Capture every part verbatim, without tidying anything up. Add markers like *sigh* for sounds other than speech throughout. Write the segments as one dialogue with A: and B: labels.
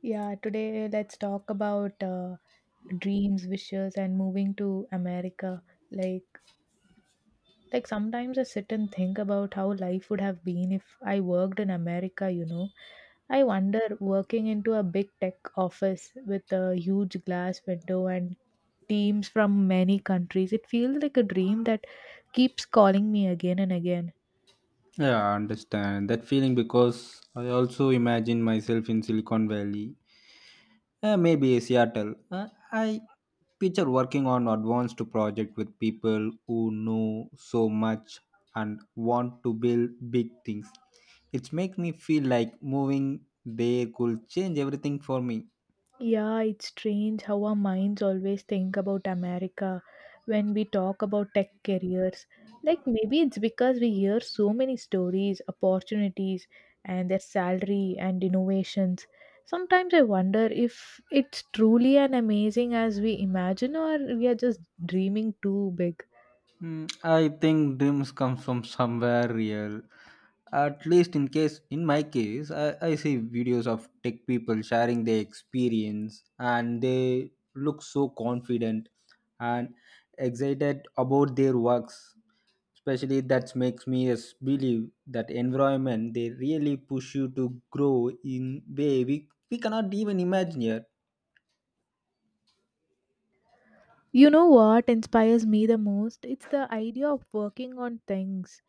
A: Yeah, today let's talk about uh, dreams, wishes, and moving to America. Like, like sometimes I sit and think about how life would have been if I worked in America. You know, I wonder working into a big tech office with a huge glass window and teams from many countries. It feels like a dream that keeps calling me again and again.
B: Yeah, I understand that feeling because I also imagine myself in Silicon Valley, uh, maybe Seattle. Uh, I picture working on advanced project with people who know so much and want to build big things. It makes me feel like moving there could change everything for me.
A: Yeah, it's strange how our minds always think about America when we talk about tech careers. Like maybe it's because we hear so many stories, opportunities, and their salary and innovations. Sometimes I wonder if it's truly an amazing as we imagine or we are just dreaming too big.
B: Hmm, I think dreams come from somewhere real. At least in case in my case, I, I see videos of tech people sharing their experience and they look so confident and excited about their works. Especially that makes me yes, believe that environment they really push you to grow in way we, we cannot even imagine here.
A: You know what inspires me the most? It's the idea of working on things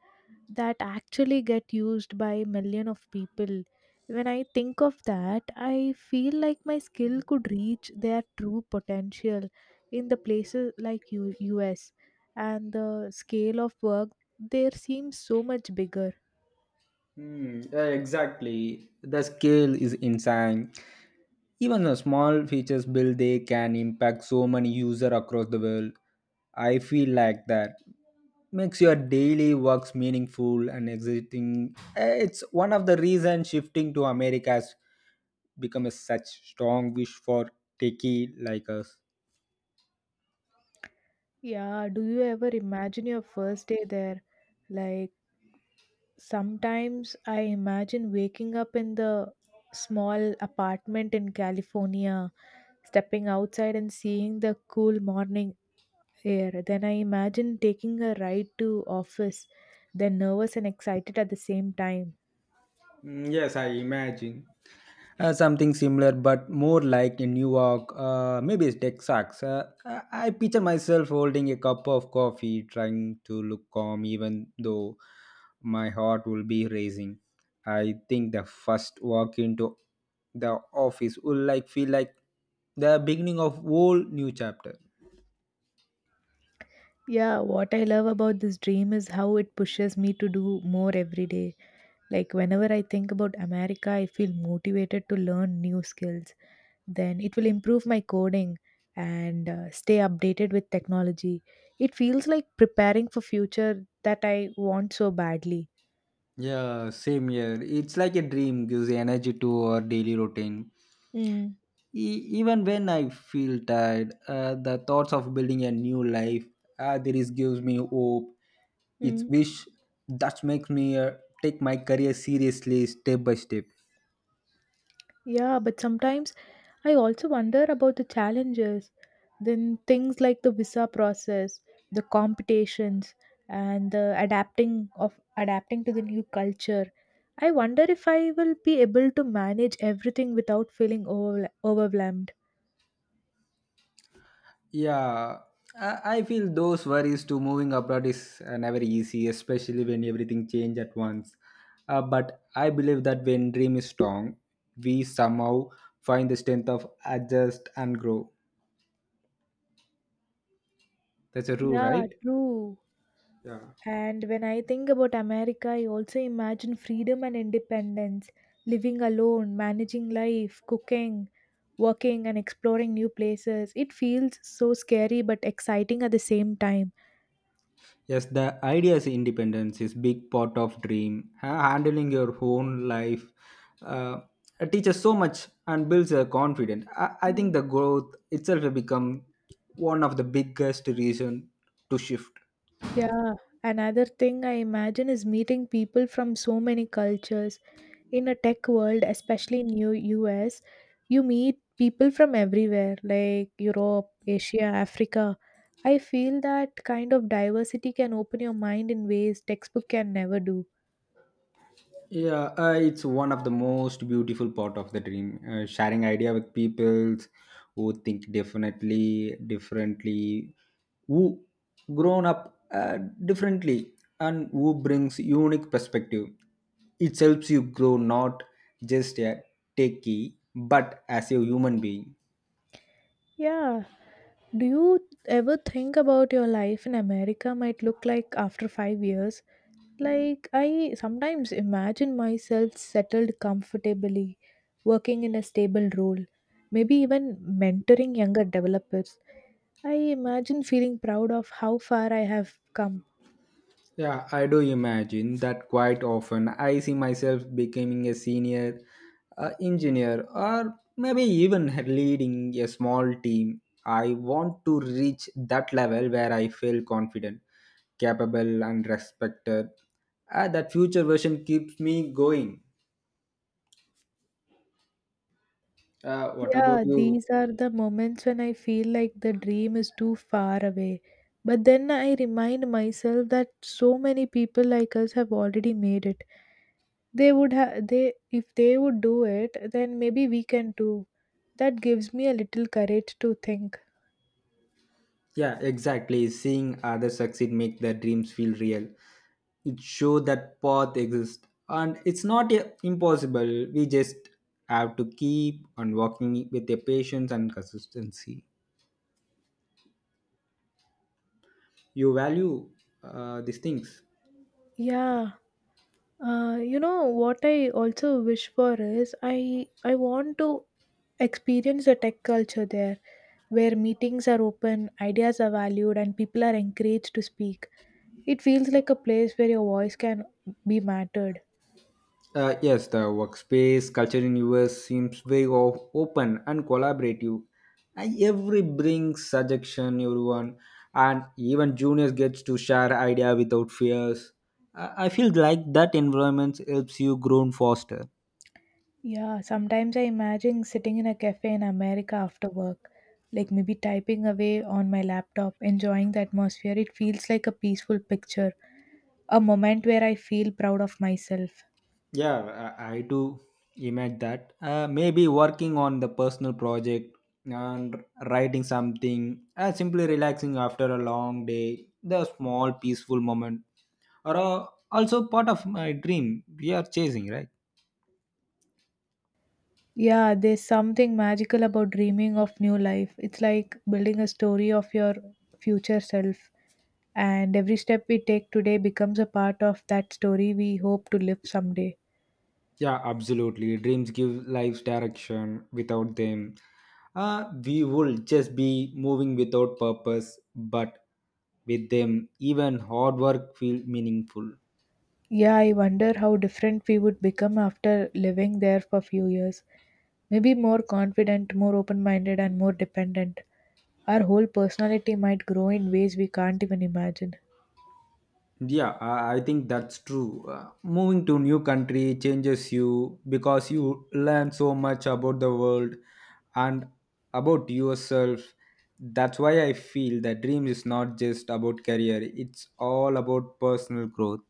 A: that actually get used by million of people when I think of that I feel like my skill could reach their true potential in the places like U- US and the scale of work there seems so much bigger.
B: Hmm, yeah, exactly. The scale is insane. Even a small features build they can impact so many users across the world. I feel like that makes your daily works meaningful and exciting. Eh, It's one of the reasons shifting to America has become a such strong wish for techie like us.
A: Yeah, do you ever imagine your first day there? Like sometimes I imagine waking up in the small apartment in California, stepping outside and seeing the cool morning fair. Then I imagine taking a ride to office, then nervous and excited at the same time.
B: Mm, yes, I imagine. Uh, something similar, but more like in New York, uh, maybe it's Texas. Uh, I I picture myself holding a cup of coffee, trying to look calm, even though my heart will be racing. I think the first walk into the office will like feel like the beginning of whole new chapter.
A: Yeah, what I love about this dream is how it pushes me to do more every day. Like whenever I think about America, I feel motivated to learn new skills. Then it will improve my coding and uh, stay updated with technology. It feels like preparing for future that I want so badly.
B: Yeah, same here. It's like a dream gives energy to our daily routine.
A: Mm.
B: E- even when I feel tired, uh, the thoughts of building a new life, uh, there is gives me hope. It's
A: Mm.
B: wish that makes me uh, take my career seriously step by step.
A: Yeah, but sometimes I also wonder about the challenges. Then things like the visa process, the competitions, and the adapting of adapting to the new culture. I wonder if I will be able to manage everything without feeling over, overwhelmed.
B: Yeah, I, I feel those worries to moving abroad is uh, never easy, especially when everything change at once. Uh, but I believe that when dream is strong, we somehow find the strength of adjust and grow. That's a rule,
A: Yeah,
B: right?
A: true. And when I think about America, I also imagine freedom and independence, living alone, managing life, cooking, working, and exploring new places. It feels so scary but exciting at the same time.
B: Yes, the ideas independence is big part of dream. Ha- Handling your own life uh, teaches so much and builds a confidence. I, I think
A: Mm.
B: the growth itself will become one of the biggest reason to shift.
A: Yeah. Another thing I imagine is meeting people from so many cultures in a tech world, especially in new U S, you meet people from everywhere, like Europe, Asia, Africa. I feel that kind of diversity can open your mind in ways textbook can never do.
B: Yeah, uh, it's one of the most beautiful part of the dream, uh, sharing idea with people who think definitely differently, who grown up uh, differently, and who brings unique perspective. It helps you grow not just a techie but as a human being.
A: Yeah. Do you ever think about your life in America might look like after five years? Like, I sometimes imagine myself settled comfortably, working in a stable role, maybe even mentoring younger developers. I imagine feeling proud of how far I have come.
B: Yeah, I do imagine that quite often. I see myself becoming a senior uh, engineer or maybe even leading a small team. I want to reach that level where I feel confident, capable, and respected. Uh, that future version keeps me going. Uh, what about
A: Yeah,
B: you?
A: these are the moments when I feel like the dream is too far away. But then I remind myself that so many people like us have already made it. They would have they if they would do it, then maybe we can too. That gives me a little courage to think.
B: Yeah, exactly. Seeing others succeed make their dreams feel real. It show that path exists and it's not uh, impossible. We just have to keep on walking with the patience and consistency. You value uh, these things.
A: Yeah, Uh, you know what I also wish for is I I want to experience the tech culture there, where meetings are open, ideas are valued, and people are encouraged to speak. It feels like a place where your voice can be mattered.
B: Uh, yes, the workspace culture in U S seems very o- open and collaborative. And every brings suggestion, everyone, and even juniors gets to share idea without fears. I, I feel like that environment helps you grow faster.
A: Yeah, sometimes I imagine sitting in a cafe in America after work, like maybe typing away on my laptop, enjoying the atmosphere. It feels like a peaceful picture, a moment where I feel proud of myself.
B: Yeah, I, I do imagine that. Uh, maybe working on the personal project and writing something, uh, simply relaxing after a long day. The small peaceful moment are uh, also part of my dream we are chasing right.
A: Yeah, there's something magical about dreaming of new life. It's like building a story of your future self, and every step we take today becomes a part of that story we hope to live someday.
B: Yeah, absolutely. Dreams give life direction. Without them, uh, we would just be moving without purpose. But with them, even hard work feels meaningful.
A: Yeah, I wonder how different we would become after living there for a few years. Maybe more confident, more open minded, and more dependent. Our whole personality might grow in ways we can't even imagine.
B: Yeah, I, I think that's true. Uh, moving to new country changes you because you learn so much about the world and about yourself. That's why I feel that dream is not just about career; it's all about personal growth.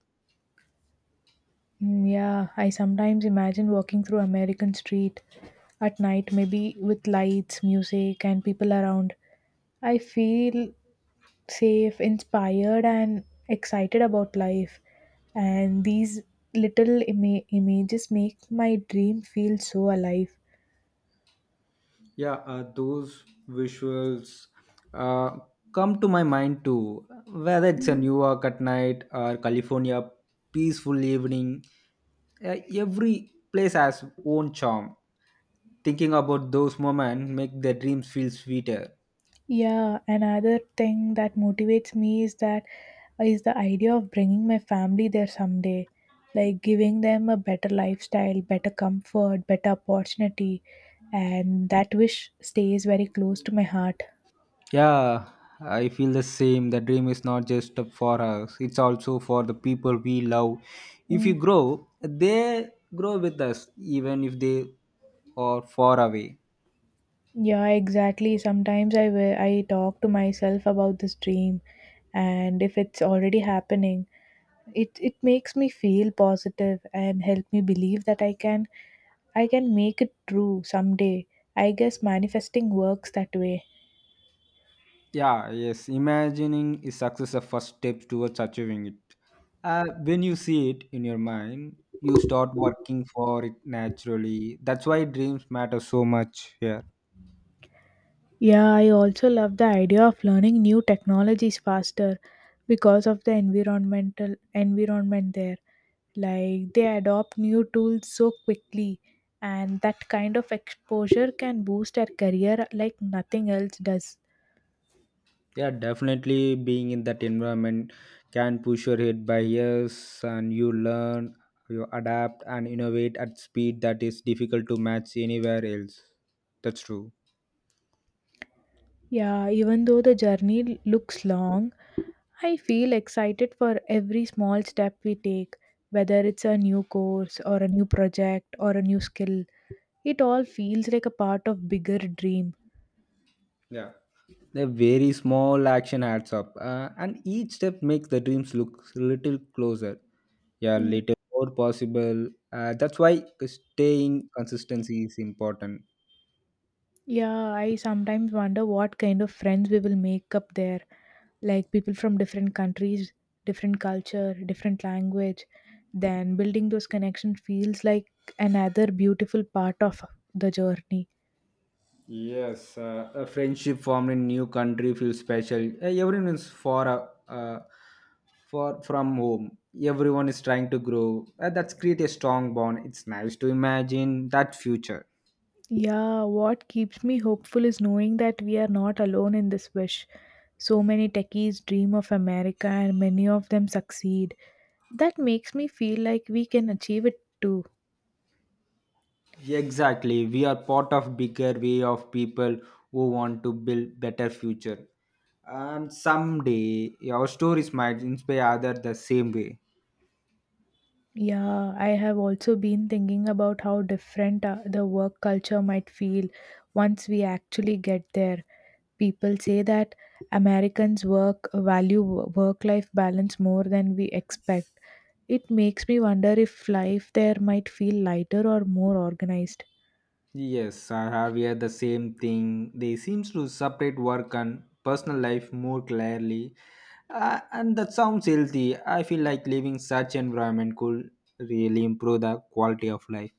A: Mm, yeah, I sometimes imagine walking through American street at night, maybe with lights, music, and people around. I feel safe, inspired, and excited about life. And these little ima- images make my dream feel so alive.
B: Yeah, uh, those visuals uh, come to my mind too. Whether it's a New York at night or California peaceful evening, uh, every place has own charm. Thinking about those moments make the dreams feel sweeter.
A: Yeah, another thing that motivates me is that is the idea of bringing my family there someday, like giving them a better lifestyle, better comfort, better opportunity, and that wish stays very close to my heart.
B: Yeah, I feel the same. The dream is not just for us; it's also for the people we love. If
A: Hmm.
B: you grow, they grow with us, even if they are far away.
A: Yeah, exactly. Sometimes I wi- I talk to myself about this dream and if it's already happening, it it makes me feel positive and help me believe that I can I can make it true someday. I guess manifesting works that way.
B: Yeah, yes. Imagining is success the first step towards achieving it. Uh, when you see it in your mind, you start working for it naturally. That's why dreams matter so much here.
A: Yeah, I also love the idea of learning new technologies faster because of the environmental environment there. Like they adopt new tools so quickly and that kind of exposure can boost our career like nothing else does.
B: Yeah, definitely being in that environment can push your head by years and you learn, you adapt and innovate at speed that is difficult to match anywhere else. That's true.
A: Yeah, even though the journey looks long, I feel excited for every small step we take, whether it's a new course or a new project or a new skill. It all feels like a part of bigger dream.
B: Yeah. The very small action adds up, uh, and each step makes the dreams look a little closer. Yeah,
A: Mm,
B: little more possible. Uh, that's why staying consistency is important.
A: yeah, I sometimes wonder what kind of friends we will make up there. Like people from different countries, different culture, different language. Then building those connections feels like another beautiful part of the journey.
B: Yes, uh, a friendship formed in new country feels special. Uh, Everyone is far, uh, uh, far from home. Everyone is trying to grow. Uh, that's create a strong bond. It's nice to imagine that future.
A: Yeah, what keeps me hopeful is knowing that we are not alone in this wish. So many techies dream of America and many of them succeed. That makes me feel like we can achieve it too.
B: Exactly. We are part of bigger way of people who want to build better future. And someday our stories might inspire others the same way.
A: Yeah, I have also been thinking about how different uh, the work culture might feel once we actually get there. People say that Americans work value work life balance more than we expect. It makes me wonder if life there might feel lighter or more organized.
B: Yes, I have here the same thing. They seems to separate work and personal life more clearly. Uh, and that sounds healthy. I feel like living such environment could really improve the quality of life.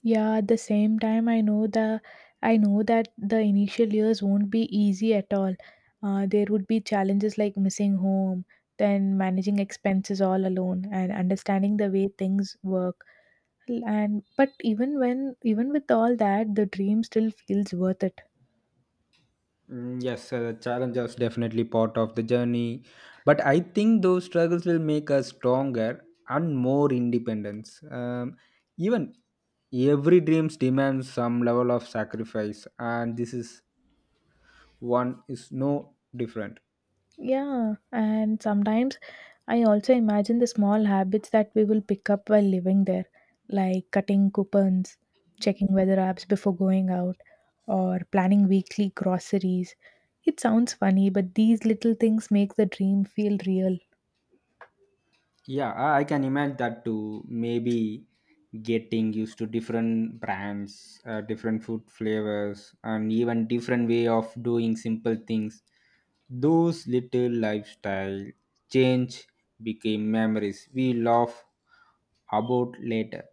A: Yeah, at the same time, I know the I know that the initial years won't be easy at all. Uh, there would be challenges like missing home, then managing expenses all alone, and understanding the way things work. And but even when even with all that, the dream still feels worth it.
B: Mm, yes, uh, challenge is definitely part of the journey, but I think those struggles will make us stronger and more independence. Um, even every dreams demands some level of sacrifice, and this is one is no different.
A: Yeah, and sometimes I also imagine the small habits that we will pick up while living there, like cutting coupons, checking weather apps before going out, or planning weekly groceries. It sounds funny, but these little things make the dream feel real.
B: Yeah, I I can imagine that too. Maybe getting used to different brands, uh, different food flavors, and even different way of doing simple things. Those little lifestyle change became memories we laugh about later.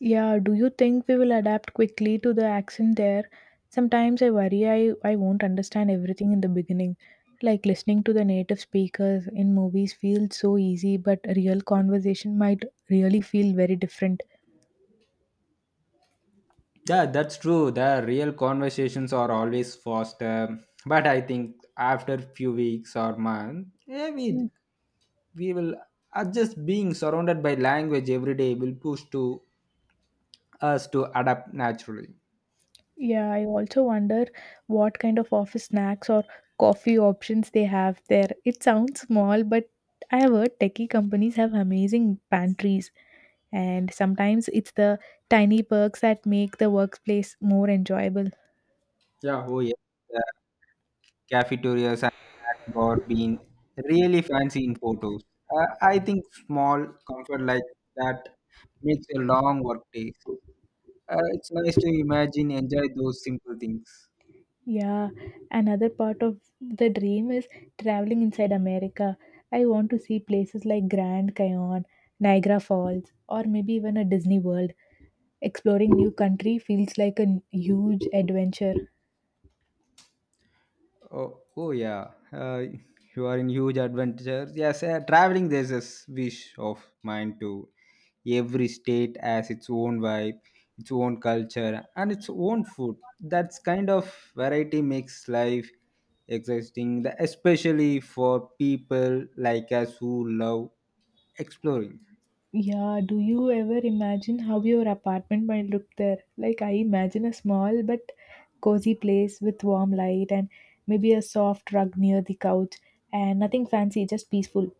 A: Yeah, do you think we will adapt quickly to the accent there? Sometimes I worry I, I won't understand everything in the beginning. Like listening to the native speakers in movies feels so easy, but a real conversation might really feel very different.
B: Yeah, that's true. The real conversations are always faster, but I think after few weeks or month, maybe we will are just being surrounded by language every day will push to us to adapt naturally.
A: Yeah, I also wonder what kind of office snacks or coffee options they have there. It sounds small, but I have heard techie companies have amazing pantries, and sometimes it's the tiny perks that make the workplace more enjoyable.
B: Yeah, oh yeah, the cafeterias and snack being really fancy in photos, uh, I think small comfort like that makes a long work day, uh, it's nice to imagine enjoy those simple things.
A: Yeah, another part of the dream is traveling inside America. I want to see places like Grand Canyon, Niagara Falls, or maybe even a Disney World. Exploring new country feels like a huge adventure.
B: Oh, oh yeah. Uh, *laughs* you are in huge adventure. Yes, uh, traveling there's a s- wish of mine to every state has its own vibe, its own culture, and its own food. That's kind of variety makes life exciting, the- especially for people like us who love exploring.
A: Yeah, do you ever imagine how your apartment might look there? Like, I imagine a small but cozy place with warm light and maybe a soft rug near the couch and nothing fancy, just peaceful.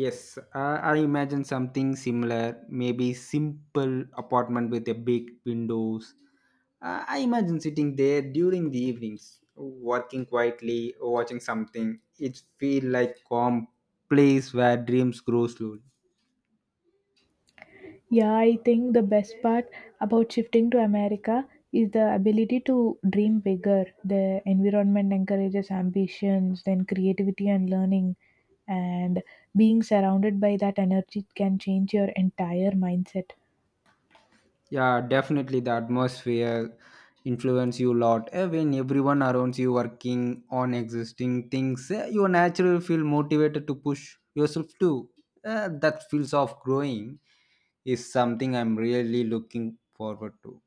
B: Yes, I I imagine something similar, maybe simple apartment with a big windows. Uh, I imagine sitting there during the evenings, working quietly, watching something. It feel like calm place where dreams grow slowly.
A: Yeah, I think the best part about shifting to America is the ability to dream bigger. The environment encourages ambitions, then creativity and learning, and being surrounded by that energy can change your entire mindset.
B: Yeah, definitely the atmosphere influence you a lot. Eh, When everyone around you working on existing things, eh, you naturally feel motivated to push yourself too. Eh, that feels of growing is something I'm really looking forward to.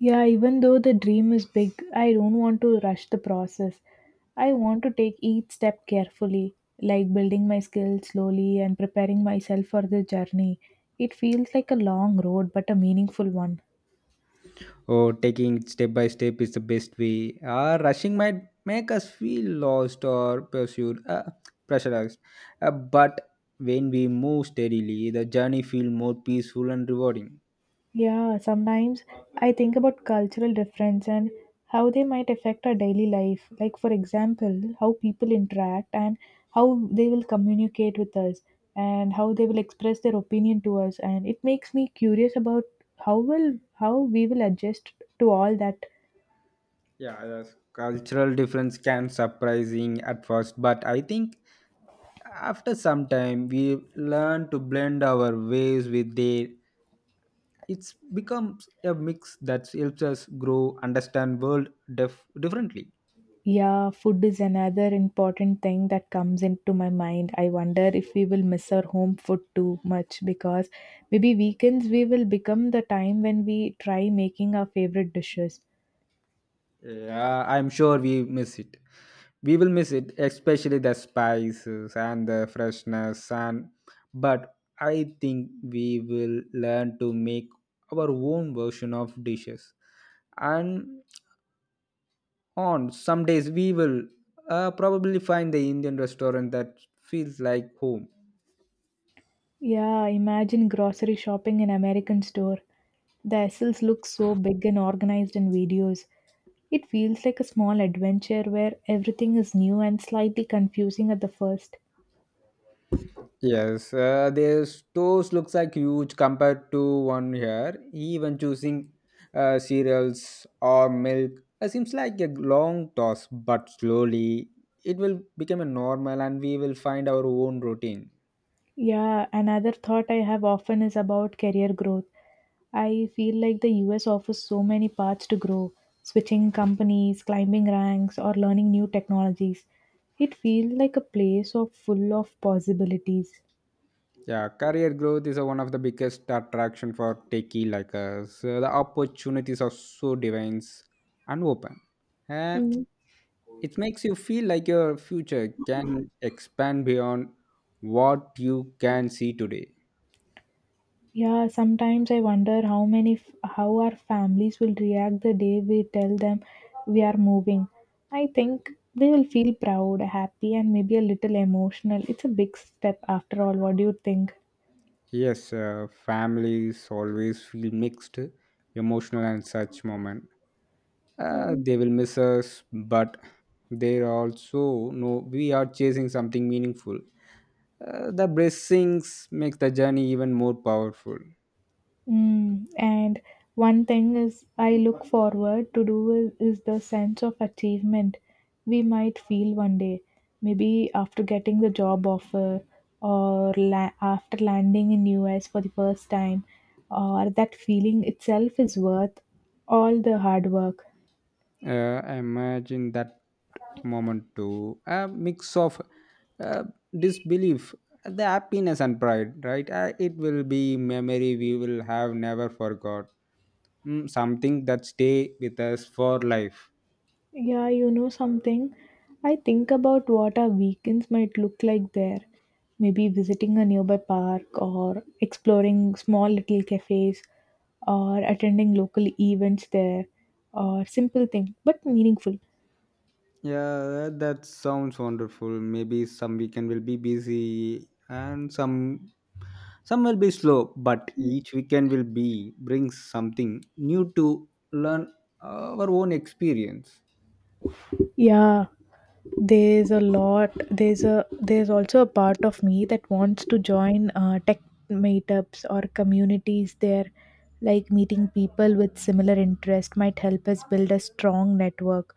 A: Yeah, even though the dream is big, I don't want to rush the process. I want to take each step carefully, like building my skills slowly and preparing myself for the journey. It feels like a long road, but a meaningful one.
B: Or taking it step by step is the best way. Uh, rushing might make us feel lost or pursued, uh, pressurized. Uh, but when we move steadily, the journey feels more peaceful and rewarding.
A: Yeah, sometimes I think about cultural difference and how they might affect our daily life. Like, for example, how people interact and how they will communicate with us and how they will express their opinion to us. And it makes me curious about how will how we will adjust to all that.
B: Yeah, yes. Cultural difference can surprising at first, but I think after some time we learn to blend our ways with their. It's becomes a mix that helps us grow, understand world def- differently.
A: Yeah, food is another important thing that comes into my mind. I wonder if we will miss our home food too much because maybe weekends we will become the time when we try making our favorite dishes.
B: Yeah, I'm sure we miss it. We will miss it, especially the spices and the freshness and. But I think we will learn to make our own version of dishes and on some days we will uh, probably find the indian restaurant that feels like home.
A: Yeah, imagine grocery shopping in American store. The aisles look so big and organized in videos. It feels like a small adventure where everything is new and slightly confusing at the first.
B: Yes, uh, their stores looks like huge compared to one here even choosing uh, cereals or milk uh, seems like a long toss but slowly it will become a normal and we will find our own routine.
A: Yeah, another thought I have often is about career growth. I feel like the U S offers so many paths to grow, switching companies, climbing ranks, or learning new technologies. It feels like a place of full of possibilities.
B: Yeah, career growth is uh, one of the biggest attraction for techie like us. Uh, the opportunities are so divine and open. Uh,
A: Mm.
B: It makes you feel like your future can expand beyond what you can see today.
A: Yeah, sometimes I wonder how many f- how our families will react the day we tell them we are moving. I think they will feel proud, happy, and maybe a little emotional. It's a big step after all. What do you think?
B: Yes, uh, families always feel mixed, emotional, and such moment. Uh, they will miss us, but they also know we are chasing something meaningful. Uh, the blessings make the journey even more powerful.
A: Mm, and one thing is I look forward to do is, is the sense of achievement we might feel one day, maybe after getting the job offer or la- after landing in U S for the first time, or that feeling itself is worth all the hard work.
B: Uh, imagine that moment too. A mix of uh, disbelief, the happiness and pride, right? Uh, it will be memory we will have never forgot. Mm, something that stay with us for life.
A: Yeah, you know something? I think about what our weekends might look like there. Maybe visiting a nearby park or exploring small little cafes or attending local events there or simple thing but meaningful.
B: Yeah, that, that sounds wonderful. Maybe some weekend will be busy and some some will be slow, but each weekend will be brings something new to learn our own experience.
A: Yeah, there's a lot. There's a there's also a part of me that wants to join uh, tech meetups or communities there. Like meeting people with similar interest might help us build a strong network.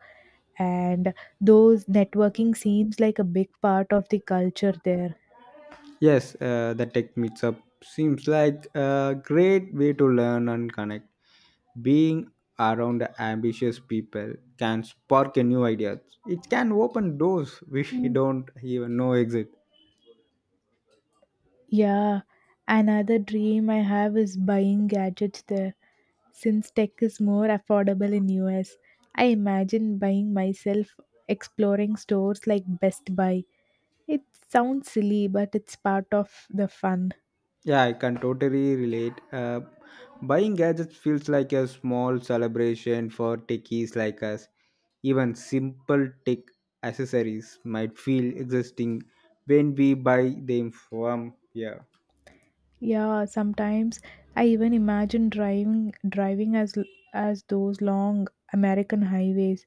A: And those networking seems like a big part of the culture there.
B: Yes, uh, the tech meetup seems like a great way to learn and connect. Being around ambitious people can spark a new ideas. It can open doors we *laughs* don't even know exist.
A: Yeah, another dream I have is buying gadgets there. Since tech is more affordable in U S, I imagine buying myself exploring stores like Best Buy. It sounds silly, but it's part of the fun.
B: Yeah, I can totally relate. Uh, buying gadgets feels like a small celebration for techies like us. Even simple tech accessories might feel existing when we buy them from here.
A: Yeah, sometimes I even imagine driving driving as l- as those long American highways.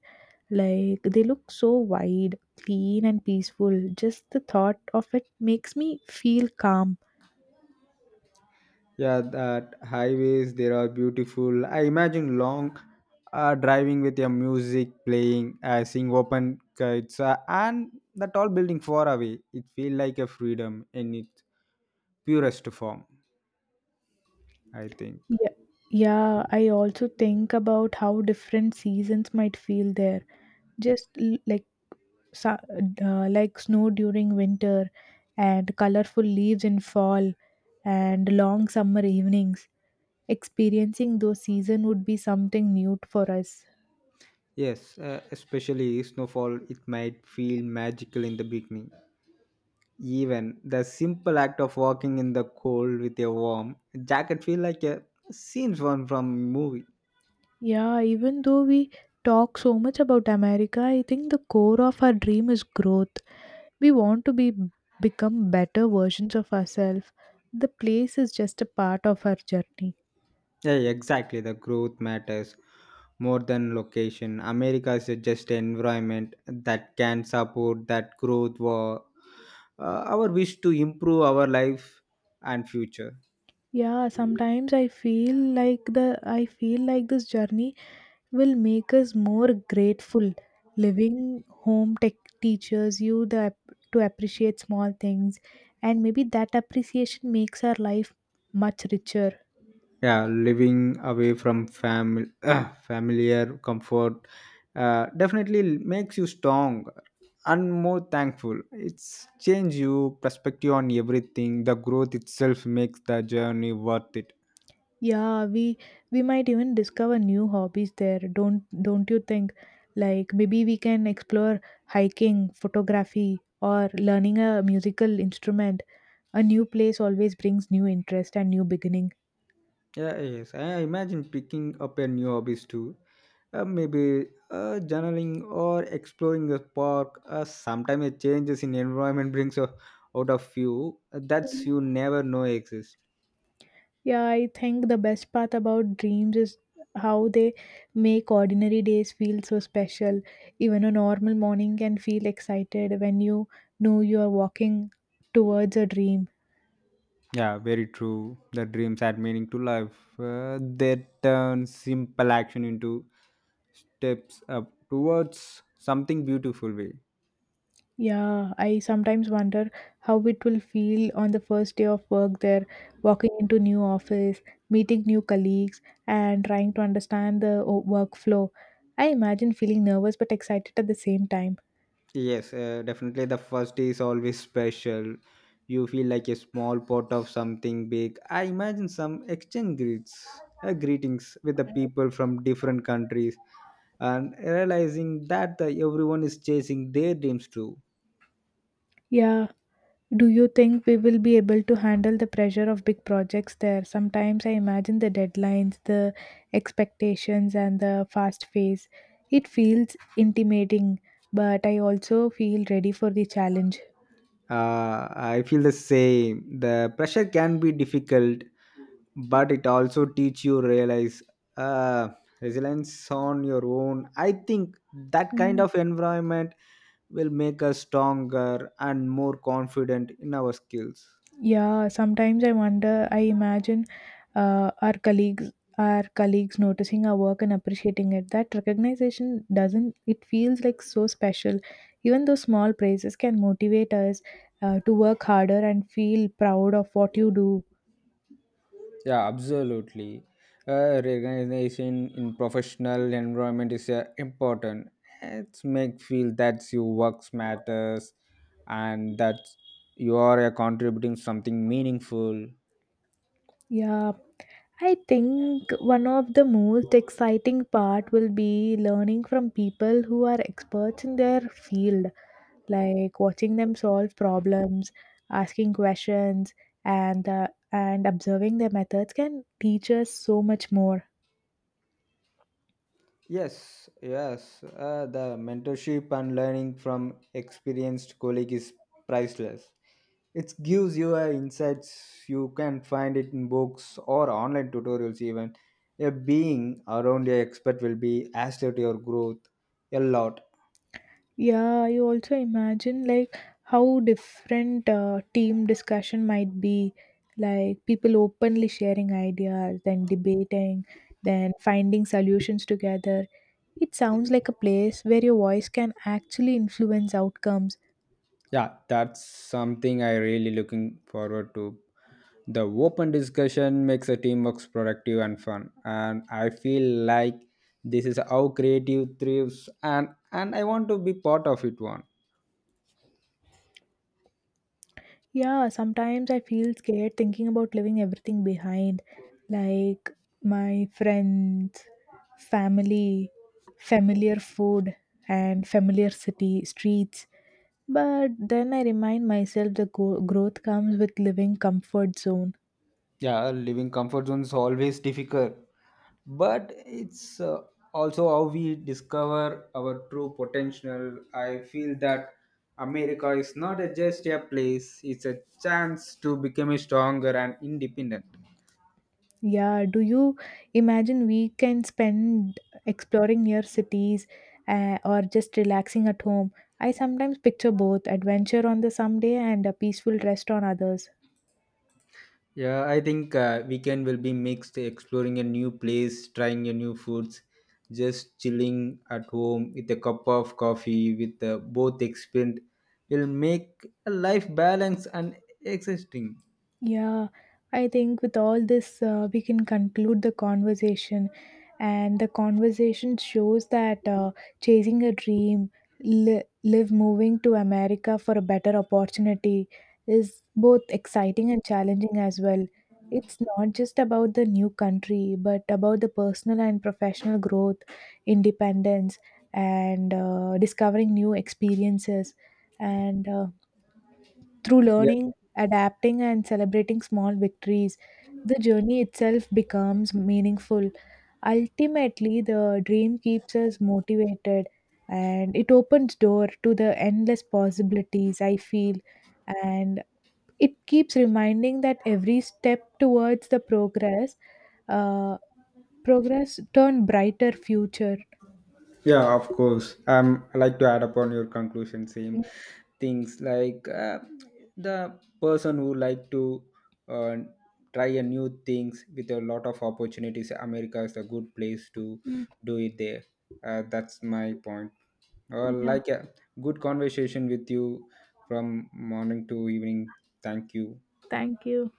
A: Like they look so wide, clean and peaceful. Just the thought of it makes me feel calm.
B: Yeah, that highways there are beautiful. I imagine long uh, driving with your music playing, uh, seeing open kites, uh, and the tall building far away. It feels like a freedom in its purest form. I think
A: Yeah, yeah, I also think about how different seasons might feel there. Just l- like sa- uh, like snow during winter and colorful leaves in fall and long summer evenings. Experiencing those season would be something new for us.
B: yes, uh, especially snowfall. It might feel magical in the beginning. Even the simple act of walking in the cold with a warm jacket feel like a scenes one from movie.
A: Yeah, even though we talk so much about America, I think the core of our dream is growth. We want to be become better versions of ourselves. The place is just a part of our journey.
B: Yeah, yeah, exactly. The growth matters more than location. America is just an environment that can support that growth or uh, our wish to improve our life and future.
A: Yeah, sometimes I feel like the I feel like this journey will make us more grateful. Living home tech teaches you the ap- to appreciate small things, and maybe that appreciation makes our life much richer.
B: Yeah, living away from family, *clears throat* familiar comfort, uh, definitely makes you strong and more thankful. It's change you perspective on everything. The growth itself makes the journey worth it.
A: Yeah, we we might even discover new hobbies there. Don't don't you think? Like maybe we can explore hiking, photography, or learning a musical instrument. A new place always brings new interest and new beginning.
B: Yeah, yes. I imagine picking up a new hobbies too. Uh, maybe uh, journaling or exploring a park. Uh, sometimes a changes in environment brings a, out of you uh, that's you never know exist.
A: Yeah, I think the best part about dreams is how they make ordinary days feel so special. Even a normal morning can feel excited when you know you are walking towards a dream.
B: Yeah, very true. The dreams add meaning to life. Uh, they turn simple action into steps up towards something beautiful way.
A: Yeah, I sometimes wonder how it will feel on the first day of work there, walking into new office, meeting new colleagues, and trying to understand the o- workflow. I imagine feeling nervous but excited at the same time.
B: Yes, uh, definitely the first day is always special. You feel like a small part of something big. I imagine some exchange greets, uh, greetings with the people from different countries and realizing that the, everyone is chasing their dreams too.
A: Yeah, do you think we will be able to handle the pressure of big projects there? Sometimes I imagine the deadlines, the expectations, and the fast pace. It feels intimidating, but I also feel ready for the challenge.
B: Uh, I feel the same. The pressure can be difficult, but it also teach you realize uh, resilience on your own. I think that kind of environment will make us stronger and more confident in our skills.
A: Yeah, sometimes I wonder, I imagine uh, our colleagues our colleagues noticing our work and appreciating it. That recognition, doesn't it feels like so special. Even those small praises can motivate us uh, to work harder and feel proud of what you do.
B: Yeah, absolutely. Uh, recognition in professional environment is uh, important. It's make feel that your work matters and that you are uh, contributing something meaningful.
A: Yeah, I think one of the most exciting part will be learning from people who are experts in their field, like watching them solve problems, asking questions, and uh, and observing their methods can teach us so much more.
B: Yes, yes. Uh, the mentorship and learning from experienced colleague is priceless. It gives you uh, insights you can find it in books or online tutorials even. A being around your expert will be as to your growth a lot.
A: Yeah, you also imagine like how different uh, team discussion might be, like people openly sharing ideas, then debating, then finding solutions together. It sounds like a place where your voice can actually influence outcomes.
B: Yeah, that's something I really looking forward to. The open discussion makes a teamwork productive and fun, and I feel like this is how creative thrives, and and I want to be part of it. One,
A: Yeah, sometimes I feel scared thinking about leaving everything behind, like my friends, family, familiar food, and familiar city streets. But then I remind myself the go- growth comes with living comfort zone.
B: yeah, living comfort zone is always difficult, but it's uh, also how we discover our true potential. I feel that America is not a, just a place; it's a chance to become stronger and independent.
A: Yeah, do you imagine we can spend exploring near cities uh, or just relaxing at home? I sometimes picture both adventure on the some day and a peaceful rest on others.
B: Yeah, I think uh, weekend will be mixed, exploring a new place, trying a new foods, just chilling at home with a cup of coffee with uh, both experience will make a life balance and existing.
A: Yeah, I think with all this, uh, we can conclude the conversation. And the conversation shows that uh, chasing a dream, li- live moving to America for a better opportunity, is both exciting and challenging as well. It's not just about the new country, but about the personal and professional growth, independence, and uh, discovering new experiences. And uh, through
B: Yeah.
A: learning, adapting, and celebrating small victories, the journey itself becomes meaningful. Ultimately, the dream keeps us motivated and it opens door to the endless possibilities I feel, and it keeps reminding that every step towards the progress uh, progress turn brighter future.
B: Yeah, of course. Um, I like to add upon your conclusion same things like uh, the person who like to uh, try a new things with a lot of opportunities. America is a good place to
A: Mhm.
B: do it there. Uh, that's my point. Uh,
A: Yeah,
B: like a good conversation with you from morning to evening. Thank you.
A: thank you.